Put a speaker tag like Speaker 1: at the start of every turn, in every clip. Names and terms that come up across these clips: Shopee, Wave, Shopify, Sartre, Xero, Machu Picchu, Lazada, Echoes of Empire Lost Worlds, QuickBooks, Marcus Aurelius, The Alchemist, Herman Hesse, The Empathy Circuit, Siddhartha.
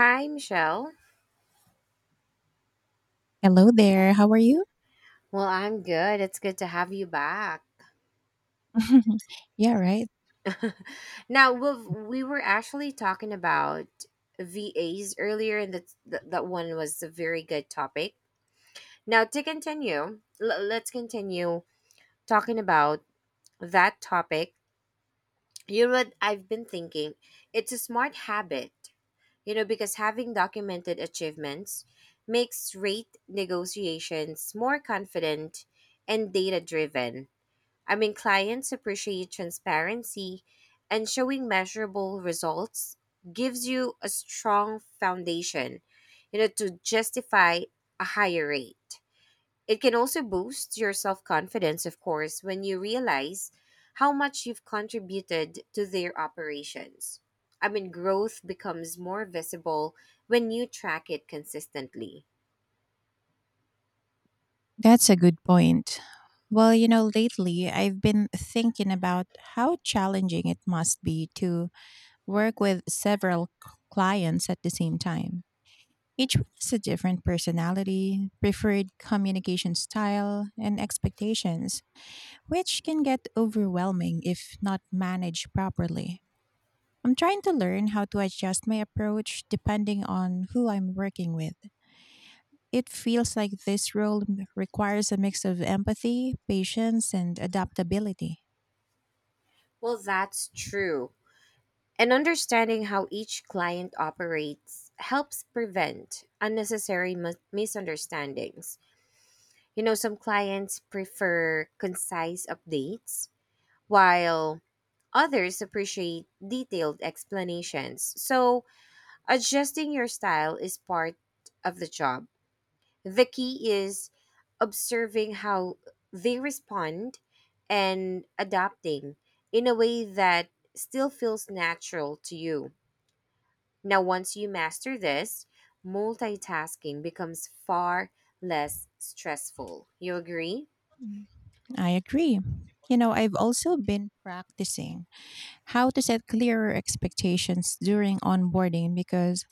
Speaker 1: Hi, Michelle.
Speaker 2: Hello there. How are you?
Speaker 1: Well, I'm good. It's good to have you back.
Speaker 2: Yeah, right.
Speaker 1: Now, we were actually talking about VAs earlier, and that one was a very good topic. Now, to continue, let's continue talking about that topic. You know what I've been thinking? It's a smart habit, you know, because having documented achievements makes rate negotiations more confident and data driven. I mean, clients appreciate transparency, and showing measurable results gives you a strong foundation, you know, to justify a higher rate. It can also boost your self confidence, of course, when you realize how much you've contributed to their operations. I mean, growth becomes more visible when you track it consistently.
Speaker 2: That's a good point. Well, you know, lately I've been thinking about how challenging it must be to work with several clients at the same time. Each one has a different personality, preferred communication style, and expectations, which can get overwhelming if not managed properly. I'm trying to learn how to adjust my approach depending on who I'm working with. It feels like this role requires a mix of empathy, patience, and adaptability.
Speaker 1: Well, that's true. And understanding how each client operates helps prevent unnecessary misunderstandings. You know, some clients prefer concise updates, while others appreciate detailed explanations. So, adjusting your style is part of the job. The key is observing how they respond and adapting in a way that still feels natural to you. Now, once you master this, multitasking becomes far less stressful. You agree?
Speaker 2: Mm, I agree. You know, I've also been practicing how to set clearer expectations during onboarding because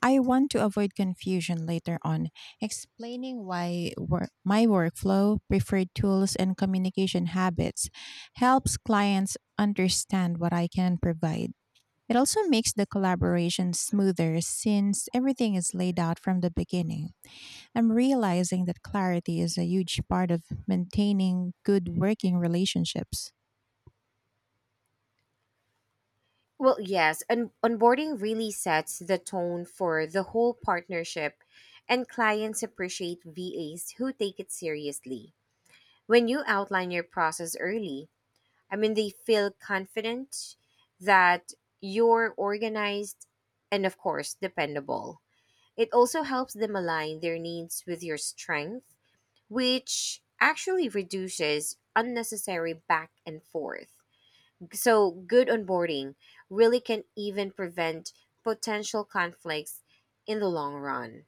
Speaker 2: I want to avoid confusion later on, explaining why my workflow, preferred tools, and communication habits helps clients understand what I can provide. It also makes the collaboration smoother since everything is laid out from the beginning. I'm realizing that clarity is a huge part of maintaining good working relationships.
Speaker 1: Well, yes, and onboarding really sets the tone for the whole partnership, and clients appreciate VAs who take it seriously. When you outline your process early, I mean, they feel confident that you're organized and, of course, dependable. It also helps them align their needs with your strength, which actually reduces unnecessary back and forth. So, good onboarding really can even prevent potential conflicts in the long run.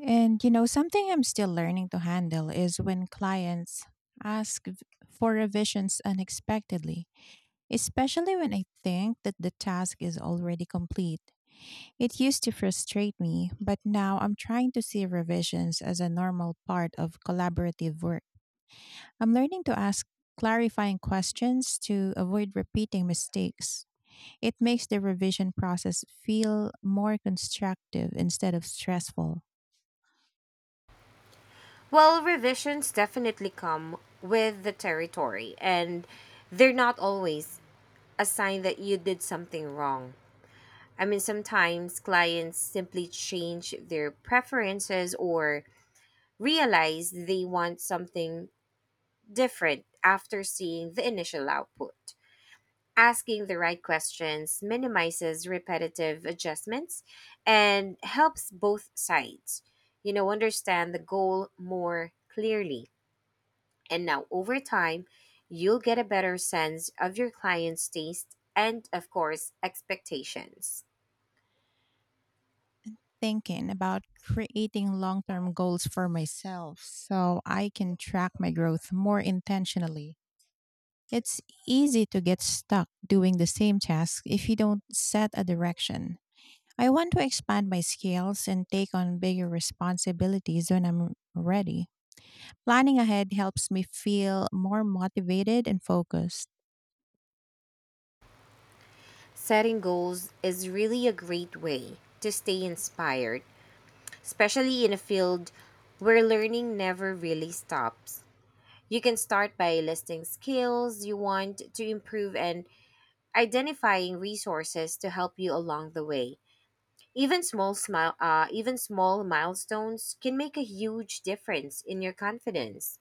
Speaker 2: And you know, something I'm still learning to handle is when clients ask v- for revisions unexpectedly, especially when I think that the task is already complete. It used to frustrate me, but now I'm trying to see revisions as a normal part of collaborative work. I'm learning to ask clarifying questions to avoid repeating mistakes. It makes the revision process feel more constructive instead of stressful,
Speaker 1: Well, revisions definitely come with the territory, and they're not always a sign that you did something wrong. I mean, sometimes clients simply change their preferences or realize they want something different after seeing the initial output. Asking the right questions minimizes repetitive adjustments and helps both sides, you know, understand the goal more clearly. And now over time, you'll get a better sense of your client's taste and, of course, expectations.
Speaker 2: thinking about creating long term goals for myself so I can track my growth more intentionally. It's easy to get stuck doing the same task if you don't set a direction. I want to expand my skills and take on bigger responsibilities when I'm ready. Planning ahead helps me feel more motivated and focused.
Speaker 1: Setting goals is really a great way to stay inspired, especially in a field where learning never really stops. You can start by listing skills you want to improve and identifying resources to help you along the way. Even small milestones can make a huge difference in your confidence.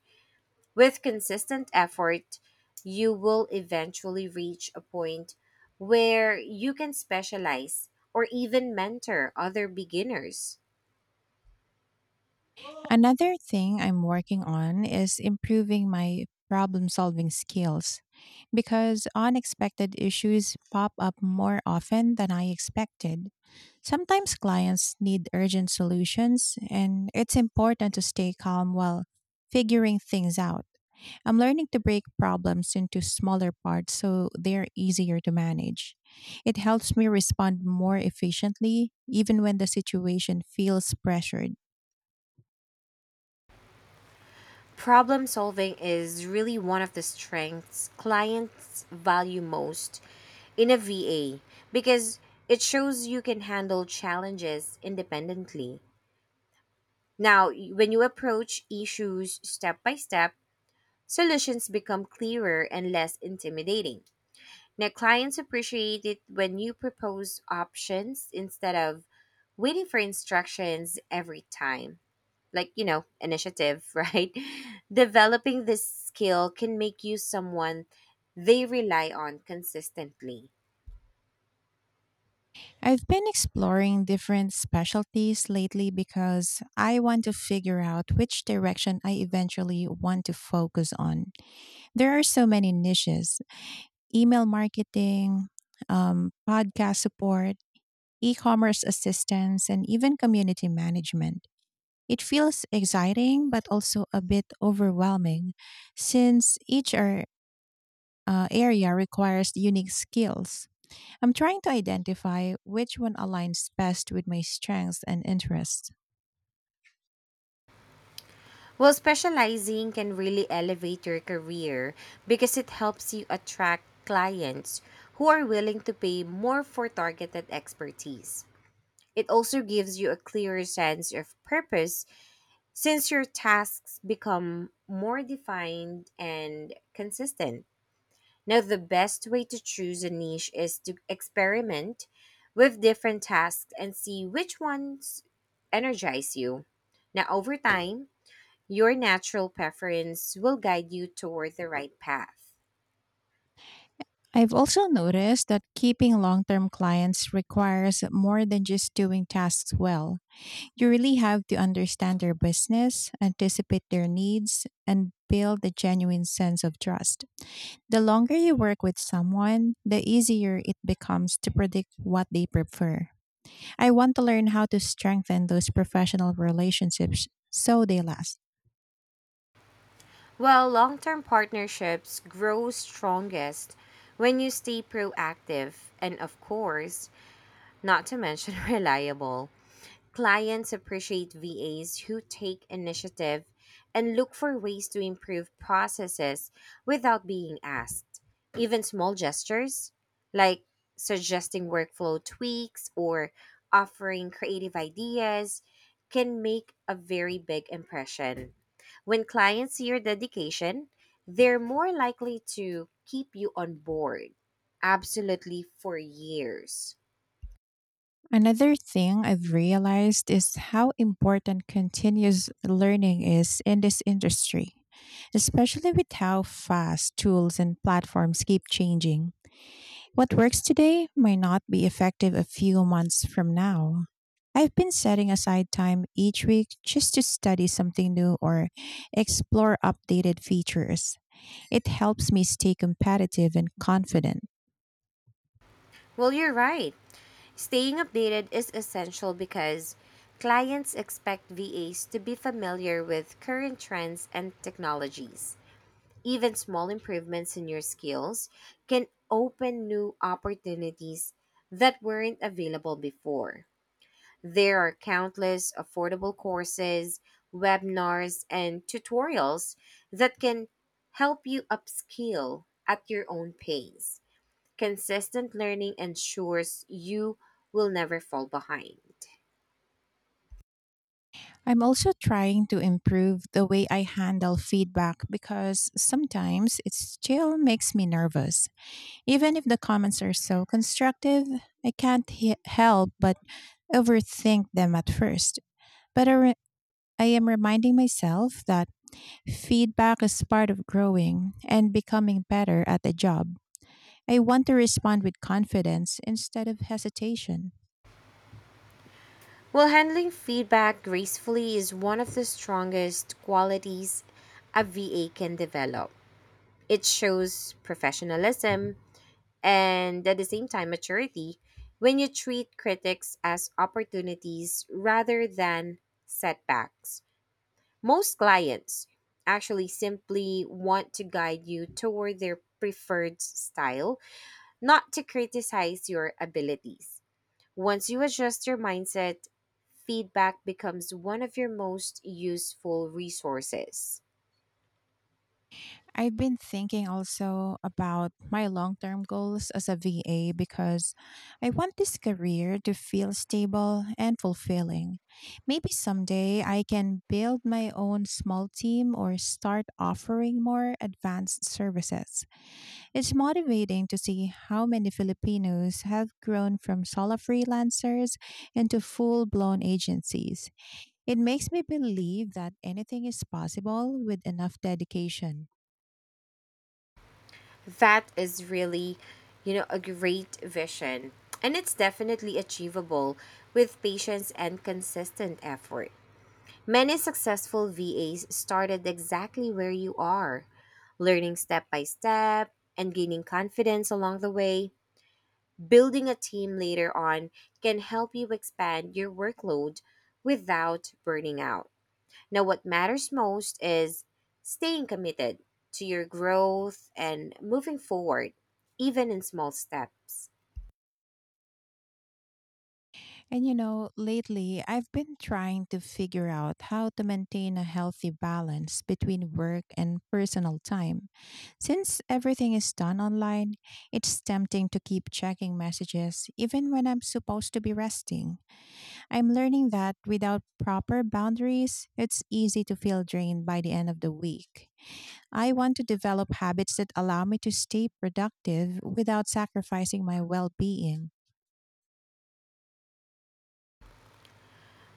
Speaker 1: With consistent effort, you will eventually reach a point where you can specialize or even mentor other beginners.
Speaker 2: Another thing I'm working on is improving my problem solving skills because unexpected issues pop up more often than I expected. Sometimes clients need urgent solutions, and it's important to stay calm while figuring things out. I'm learning to break problems into smaller parts so they're easier to manage. It helps me respond more efficiently, even when the situation feels pressured.
Speaker 1: Problem solving is really one of the strengths clients value most in a VA because it shows you can handle challenges independently. Now, when you approach issues step by step, solutions become clearer and less intimidating. Now, clients appreciate it when you propose options instead of waiting for instructions every time, like, you know, initiative. Right, developing this skill can make you someone they rely on consistently.
Speaker 2: I've been exploring different specialties lately because I want to figure out which direction I eventually want to focus on. There are so many niches: email marketing, podcast support, e commerce assistance, and even community management. It feels exciting, but also a bit overwhelming since area requires unique skills. I'm trying to identify which one aligns best with my strengths and interests.
Speaker 1: Well, specializing can really elevate your career because it helps you attract clients who are willing to pay more for targeted expertise. It also gives you a clearer sense of purpose since your tasks become more defined and consistent. Now, the best way to choose a niche is to experiment with different tasks and see which ones energize you. Now, over time, your natural preference will guide you toward the right path.
Speaker 2: I've also noticed that keeping long term clients requires more than just doing tasks well. You really have to understand their business, anticipate their needs, and build a genuine sense of trust. The longer you work with someone, the easier it becomes to predict what they prefer. I want to learn how to strengthen those professional relationships so they last.
Speaker 1: Well, long term partnerships grow strongest when you stay proactive and, of course, not to mention reliable. Clients appreciate VAs who take initiative and look for ways to improve processes without being asked. Even small gestures, like suggesting workflow tweaks or offering creative ideas, can make a very big impression. When clients see your dedication, they're more likely to keep you on board, absolutely, for years.
Speaker 2: Another thing I've realized is how important continuous learning is in this industry, especially with how fast tools and platforms keep changing. What works today might not be effective a few months from now. I've been setting aside time each week just to study something new or explore updated features. It helps me stay competitive and confident.
Speaker 1: Well, you're right. Staying updated is essential because clients expect VAs to be familiar with current trends and technologies. Even small improvements in your skills can open new opportunities that weren't available before. There are countless affordable courses, webinars, and tutorials that can help you upskill at your own pace. Consistent learning ensures you will never fall behind.
Speaker 2: I'm also trying to improve the way I handle feedback because sometimes it still makes me nervous. Even if the comments are so constructive, I can't he- help but overthink them at first, but I am reminding myself that feedback is part of growing and becoming better at the job. I want to respond with confidence instead of hesitation.
Speaker 1: Well, handling feedback gracefully is one of the strongest qualities a VA can develop. It shows professionalism and, at the same time, maturity when you treat critics as opportunities rather than setbacks. Most clients actually simply want to guide you toward their preferred style, not to criticize your abilities. Once you adjust your mindset, feedback becomes one of your most useful resources.
Speaker 2: I've been thinking also about my long term goals as a VA because I want this career to feel stable and fulfilling. Maybe someday I can build my own small team or start offering more advanced services. It's motivating to see how many Filipinos have grown from solo freelancers into full blown agencies. It makes me believe that anything is possible with enough dedication.
Speaker 1: That is really, you know, a great vision. And it's definitely achievable with patience and consistent effort. Many successful VAs started exactly where you are, learning step by step and gaining confidence along the way. Building a team later on can help you expand your workload without burning out. Now, what matters most is staying committed to your growth and moving forward, even in small steps.
Speaker 2: And you know, lately I've been trying to figure out how to maintain a healthy balance between work and personal time. Since everything is done online, it's tempting to keep checking messages even when I'm supposed to be resting. I'm learning that without proper boundaries, it's easy to feel drained by the end of the week. I want to develop habits that allow me to stay productive without sacrificing my well being.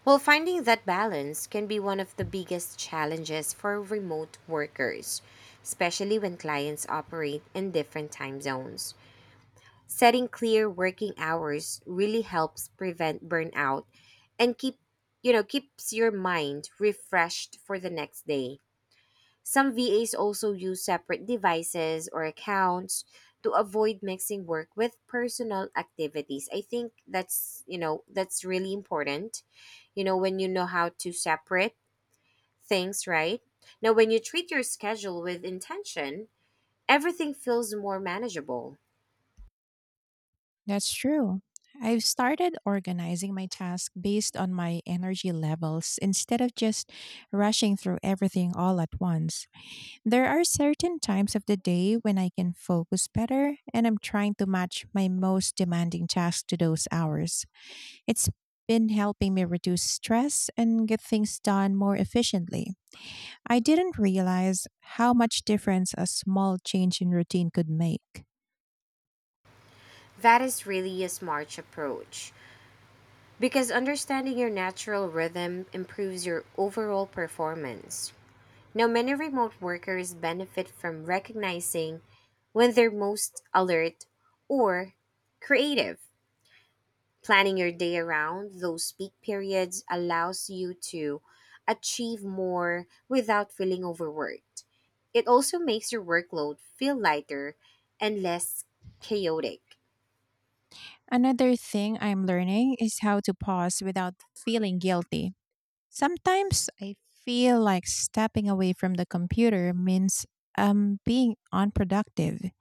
Speaker 1: Well, finding that balance can be one of the biggest challenges for remote workers, especially when clients operate in different time zones. Setting clear working hours really helps prevent burnout and keeps your mind refreshed for the next day. Some VAs also use separate devices or accounts to avoid mixing work with personal activities. I think that's, you know, that's really important. You know, when you know how to separate things, right? Now when you treat your schedule with intention, everything feels more manageable.
Speaker 2: That's true. I've started organizing my tasks based on my energy levels instead of just rushing through everything all at once. There are certain times of the day when I can focus better, and I'm trying to match my most demanding tasks to those hours. It's been helping me reduce stress and get things done more efficiently. I didn't realize how much difference a small change in routine could make.
Speaker 1: That is really a smart approach. Because understanding your natural rhythm improves your overall performance. Now, many remote workers benefit from recognizing when they're most alert or creative. Planning your day around those peak periods allows you to achieve more without feeling overworked. It also makes your workload feel lighter and less chaotic.
Speaker 2: Another thing I'm learning is how to pause without feeling guilty. Sometimes I feel like stepping away from the computer means being unproductive.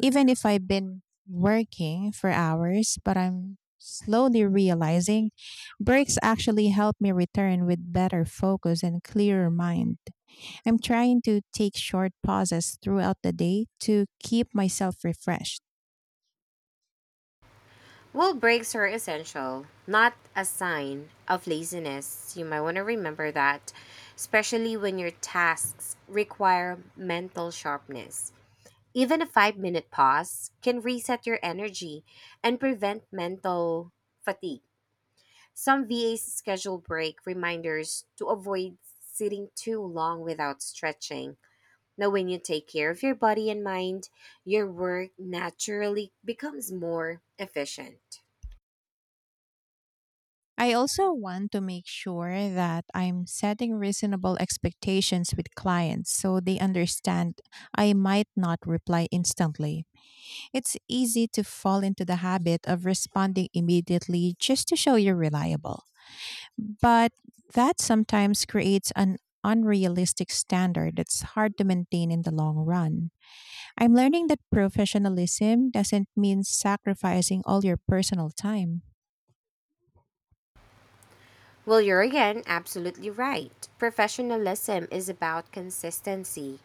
Speaker 2: Even if I've been working for hours, but I'm slowly realizing breaks actually help me return with better focus and clearer mind. I'm trying to take short pauses throughout the day to keep myself refreshed.
Speaker 1: Well, breaks are essential, not a sign of laziness. You might want to remember that, especially when your tasks require mental sharpness. Even a 5-minute pause can reset your energy and prevent mental fatigue. Some VAs schedule break reminders to avoid sitting too long without stretching. Now, when you take care of your body and mind, your work naturally becomes more efficient.
Speaker 2: I also want to make sure that I'm setting reasonable expectations with clients so they understand I might not reply instantly. It's easy to fall into the habit of responding immediately just to show you're reliable. But that sometimes creates an unrealistic standard that's hard to maintain in the long run. I'm learning that professionalism doesn't mean sacrificing all your personal time.
Speaker 1: Well, you're again absolutely right. Professionalism is about consistency,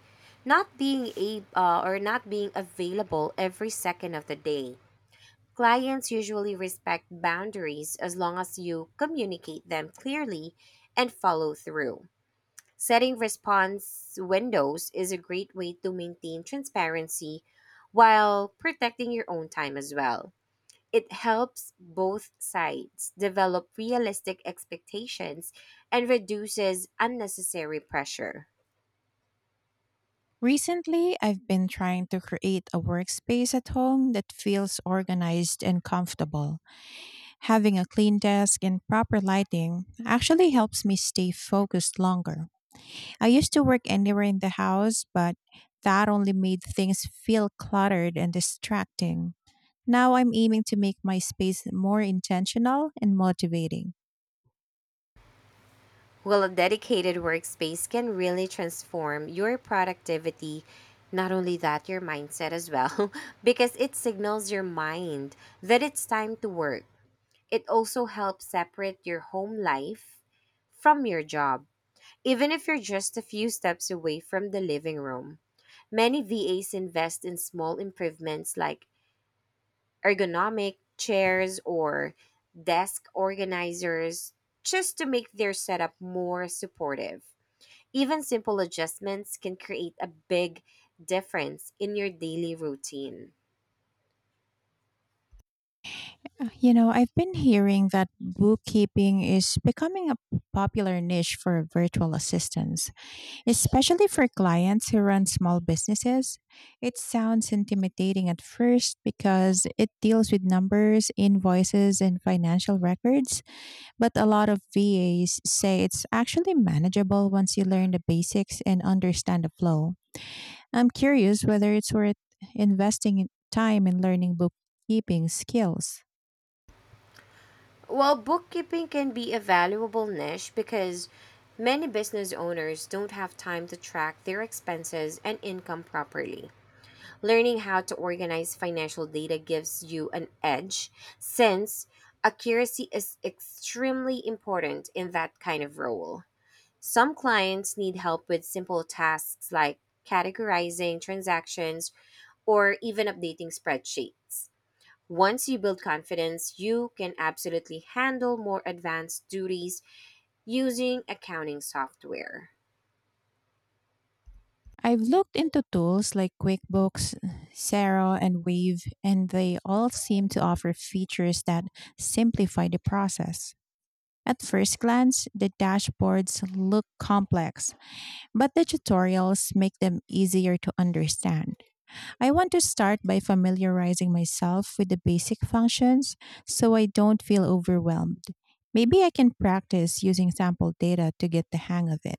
Speaker 1: not being available every second of the day. Clients usually respect boundaries as long as you communicate them clearly and follow through. Setting response windows is a great way to maintain transparency while protecting your own time as well. It helps both sides develop realistic expectations and reduces unnecessary pressure.
Speaker 2: Recently, I've been trying to create a workspace at home that feels organized and comfortable. Having a clean desk and proper lighting actually helps me stay focused longer. I used to work anywhere in the house, but that only made things feel cluttered and distracting. Now I'm aiming to make my space more intentional and motivating.
Speaker 1: Well, a dedicated workspace can really transform your productivity, not only that, your mindset as well, because it signals your mind that it's time to work. It also helps separate your home life from your job, even if you're just a few steps away from the living room. Many VAs invest in small improvements like ergonomic chairs or desk organizers just to make their setup more supportive. Even simple adjustments can create a big difference in your daily routine.
Speaker 2: You know, I've been hearing that bookkeeping is becoming a popular niche for virtual assistants, especially for clients who run small businesses. It sounds intimidating at first because it deals with numbers, invoices, and financial records, but a lot of VAs say it's actually manageable once you learn the basics and understand the flow. I'm curious whether it's worth investing in time in learning bookkeeping skills.
Speaker 1: While bookkeeping can be a valuable niche because many business owners don't have time to track their expenses and income properly. Learning how to organize financial data gives you an edge since accuracy is extremely important in that kind of role. Some clients need help with simple tasks like categorizing transactions or even updating spreadsheets. Once you build confidence, you can absolutely handle more advanced duties using accounting software.
Speaker 2: I've looked into tools like QuickBooks, Xero, and Wave, and they all seem to offer features that simplify the process. At first glance, the dashboards look complex, but the tutorials make them easier to understand. I want to start by familiarizing myself with the basic functions so I don't feel overwhelmed. Maybe I can practice using sample data to get the hang of it.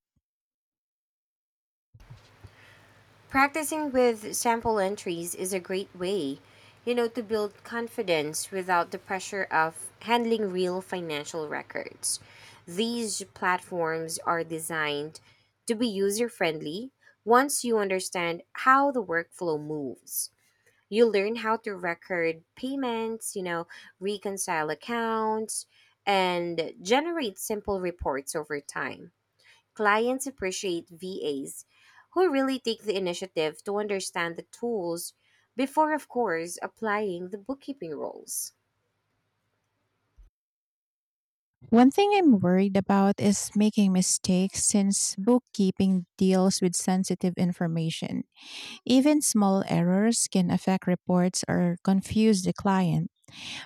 Speaker 1: Practicing with sample entries is a great way, you know, to build confidence without the pressure of handling real financial records. These platforms are designed to be user friendly once you understand how the workflow moves. You learn how to record payments, you know, reconcile accounts, and generate simple reports over time. Clients appreciate VAs who really take the initiative to understand the tools before, of course, applying the bookkeeping rules.
Speaker 2: One thing I'm worried about is making mistakes since bookkeeping deals with sensitive information. Even small errors can affect reports or confuse the client.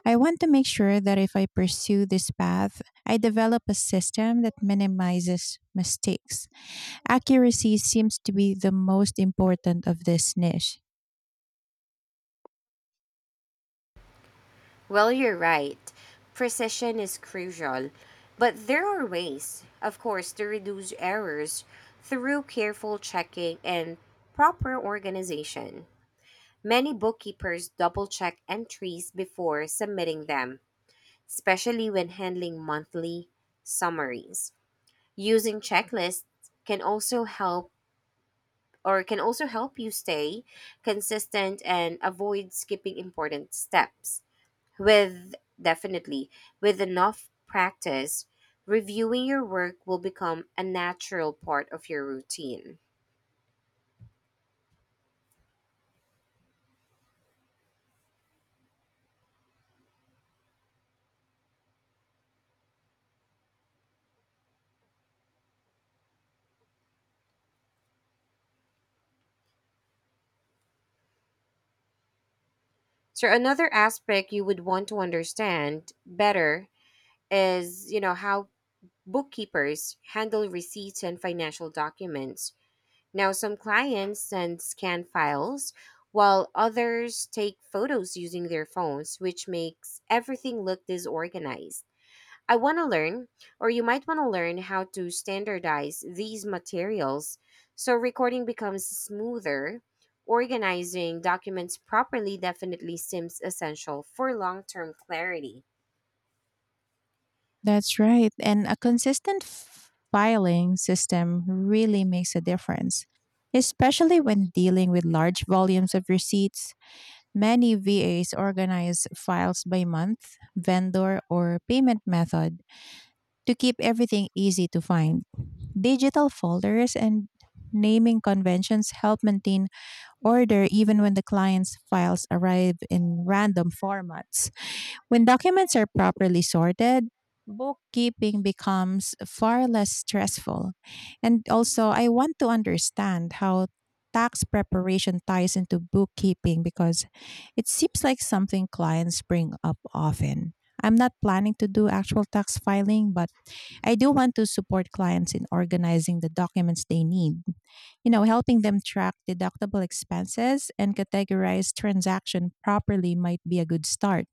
Speaker 2: I want to make sure that if I pursue this path, I develop a system that minimizes mistakes. Accuracy seems to be the most important of this niche.
Speaker 1: Well, you're right. Precision is crucial. But there are ways, of course, to reduce errors through careful checking and proper organization. Many bookkeepers double check entries before submitting them, especially when handling monthly summaries. Using checklists can also help can also help you stay consistent and avoid skipping important steps. With definitely, with enough practice, reviewing your work will become a natural part of your routine. So another aspect you would want to understand better is, you know, how bookkeepers handle receipts and financial documents. Now, some clients send scan files, while others take photos using their phones, which makes everything look disorganized. I want to learn, or you might want to learn, how to standardize these materials so recording becomes smoother. Organizing documents properly definitely seems essential for long term clarity.
Speaker 2: That's right. And a consistent filing system really makes a difference, especially when dealing with large volumes of receipts. Many VAs organize files by month, vendor, or payment method to keep everything easy to find. Digital folders and naming conventions help maintain order even when the client's files arrive in random formats. When documents are properly sorted, bookkeeping becomes far less stressful. And also, I want to understand how tax preparation ties into bookkeeping because it seems like something clients bring up often. I'm not planning to do actual tax filing, but I do want to support clients in organizing the documents they need. You know, helping them track deductible expenses and categorize transaction properly might be a good start.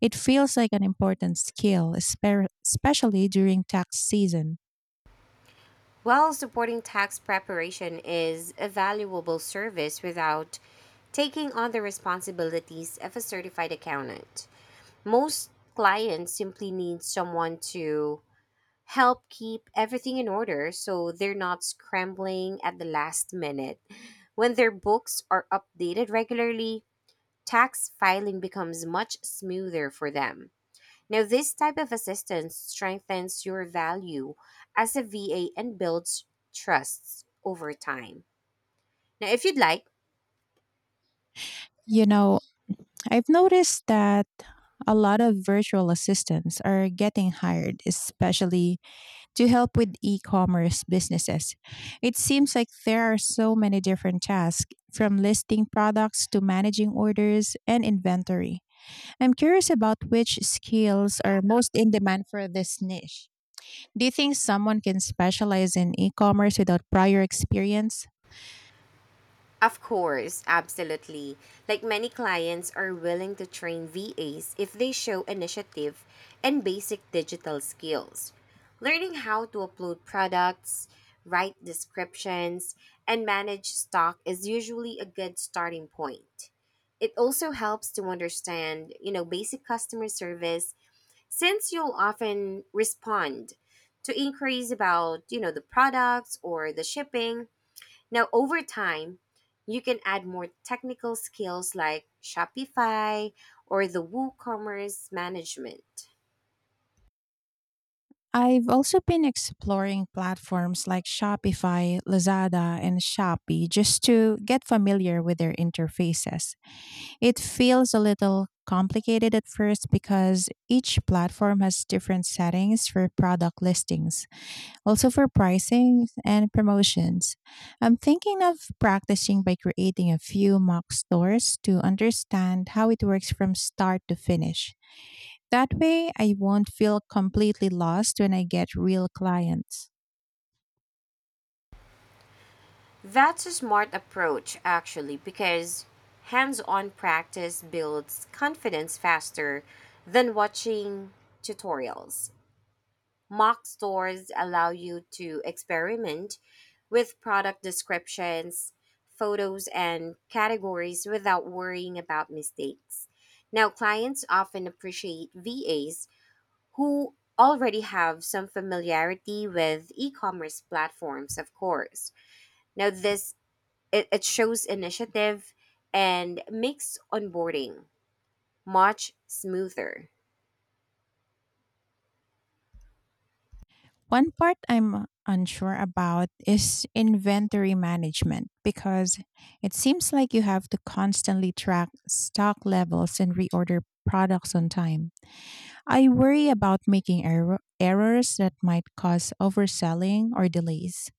Speaker 2: It feels like an important skill, especially during tax season.
Speaker 1: While supporting tax preparation is a valuable service without taking on the responsibilities of a certified accountant, most clients simply need someone to help keep everything in order so they're not scrambling at the last minute. When their books are updated regularly, tax filing becomes much smoother for them. Now, this type of assistance strengthens your value as a VA and builds trusts over time. Now, if you'd like,
Speaker 2: You know, I've noticed that a lot of virtual assistants are getting hired, especially to help with e commerce businesses. It seems like there are so many different tasks from listing products to managing orders and inventory. I'm curious about which skills are most in demand for this niche. Do you think someone can specialize in e commerce without prior experience?
Speaker 1: of course, absolutely. Like many clients are willing to train VAs if they show initiative and basic digital skills. Learning how to upload products, write descriptions, and manage stock is usually a good starting point. It also helps to understand, you know, basic customer service since you'll often respond to inquiries about, you know, the products or the shipping. Now over time you can add more technical skills like Shopify or the WooCommerce management.
Speaker 2: I've also been exploring platforms like Shopify, Lazada, and Shopee just to get familiar with their interfaces. It feels a little complicated at first because each platform has different settings for product listings, also for pricing and promotions. I'm thinking of practicing by creating a few mock stores to understand how it works from start to finish. That way, I won't feel completely lost when I get real clients.
Speaker 1: That's a smart approach actually, because hands-on practice builds confidence faster than watching tutorials. Mock stores allow you to experiment with product descriptions, photos, and categories without worrying about mistakes. Now, clients often appreciate VAs who already have some familiarity with e commerce platforms, of course. Now, this it shows initiative and makes onboarding much smoother.
Speaker 2: One part I'm unsure about is inventory management because it seems like you have to constantly track stock levels and reorder products on time. I worry about making errors that might cause overselling or delays.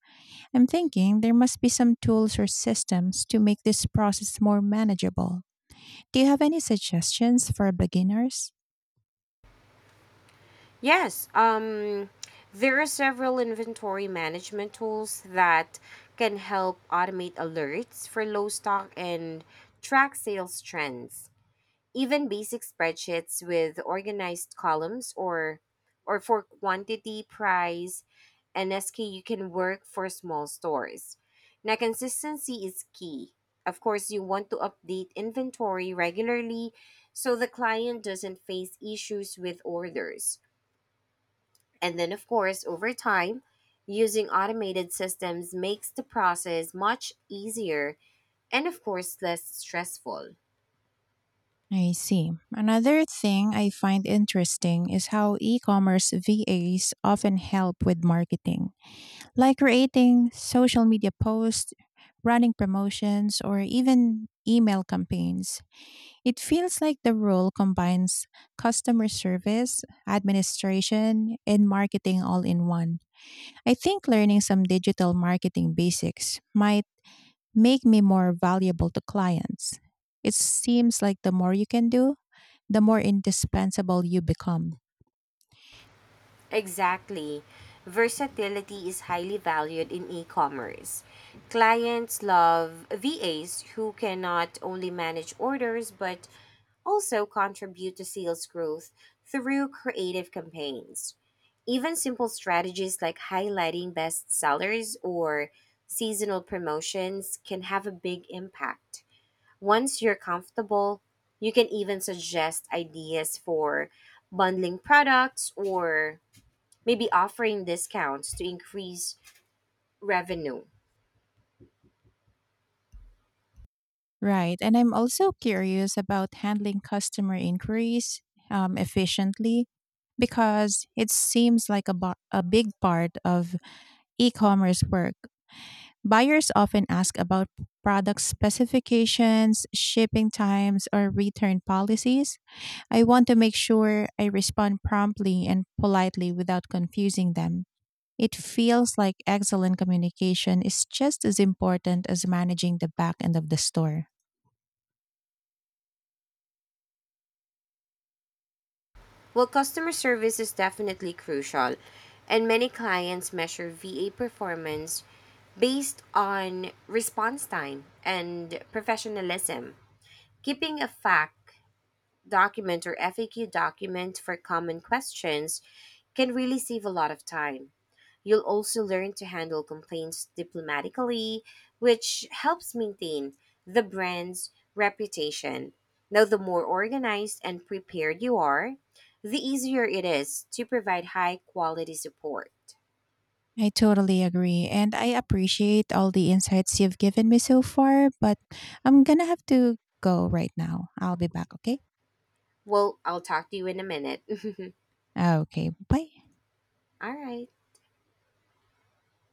Speaker 2: I'm thinking there must be some tools or systems to make this process more manageable. Do you have any suggestions for beginners?
Speaker 1: Yes, there are several inventory management tools that can help automate alerts for low stock and track sales trends. Even basic spreadsheets with organized columns or for quantity, price, and SKU can work for small stores. Now, consistency is key. Of course, you want to update inventory regularly so the client doesn't face issues with orders. And then, of course, over time, using automated systems makes the process much easier and, of course, less stressful.
Speaker 2: I see. Another thing I find interesting is how e commerce VAs often help with marketing, like creating social media posts, running promotions, or even email campaigns. It feels like the role combines customer service, administration, and marketing all in one. I think learning some digital marketing basics might make me more valuable to clients. It seems like the more you can do, the more indispensable you become.
Speaker 1: Exactly. Versatility is highly valued in e commerce. Clients love VAs who can not only manage orders but also contribute to sales growth through creative campaigns. Even simple strategies like highlighting best sellers or seasonal promotions can have a big impact. Once you're comfortable, you can even suggest ideas for bundling products or maybe offering discounts to increase revenue.
Speaker 2: Right. And I'm also curious about handling customer inquiries efficiently because it seems like a big part of e commerce work. Buyers often ask about product specifications, shipping times, or return policies. I want to make sure I respond promptly and politely without confusing them. It feels like excellent communication is just as important as managing the back end of the store.
Speaker 1: Well, customer service is definitely crucial, and many clients measure VA performance based on response time and professionalism. Keeping a FAQ document or FAQ document for common questions can really save a lot of time. You'll also learn to handle complaints diplomatically, which helps maintain the brand's reputation. Now, the more organized and prepared you are, the easier it is to provide high quality support.
Speaker 2: I totally agree, and I appreciate all the insights you've given me so far, but I'm gonna have to go right now. I'll be back, okay?
Speaker 1: Well, I'll talk to you in a minute.
Speaker 2: Okay, bye.
Speaker 1: All right.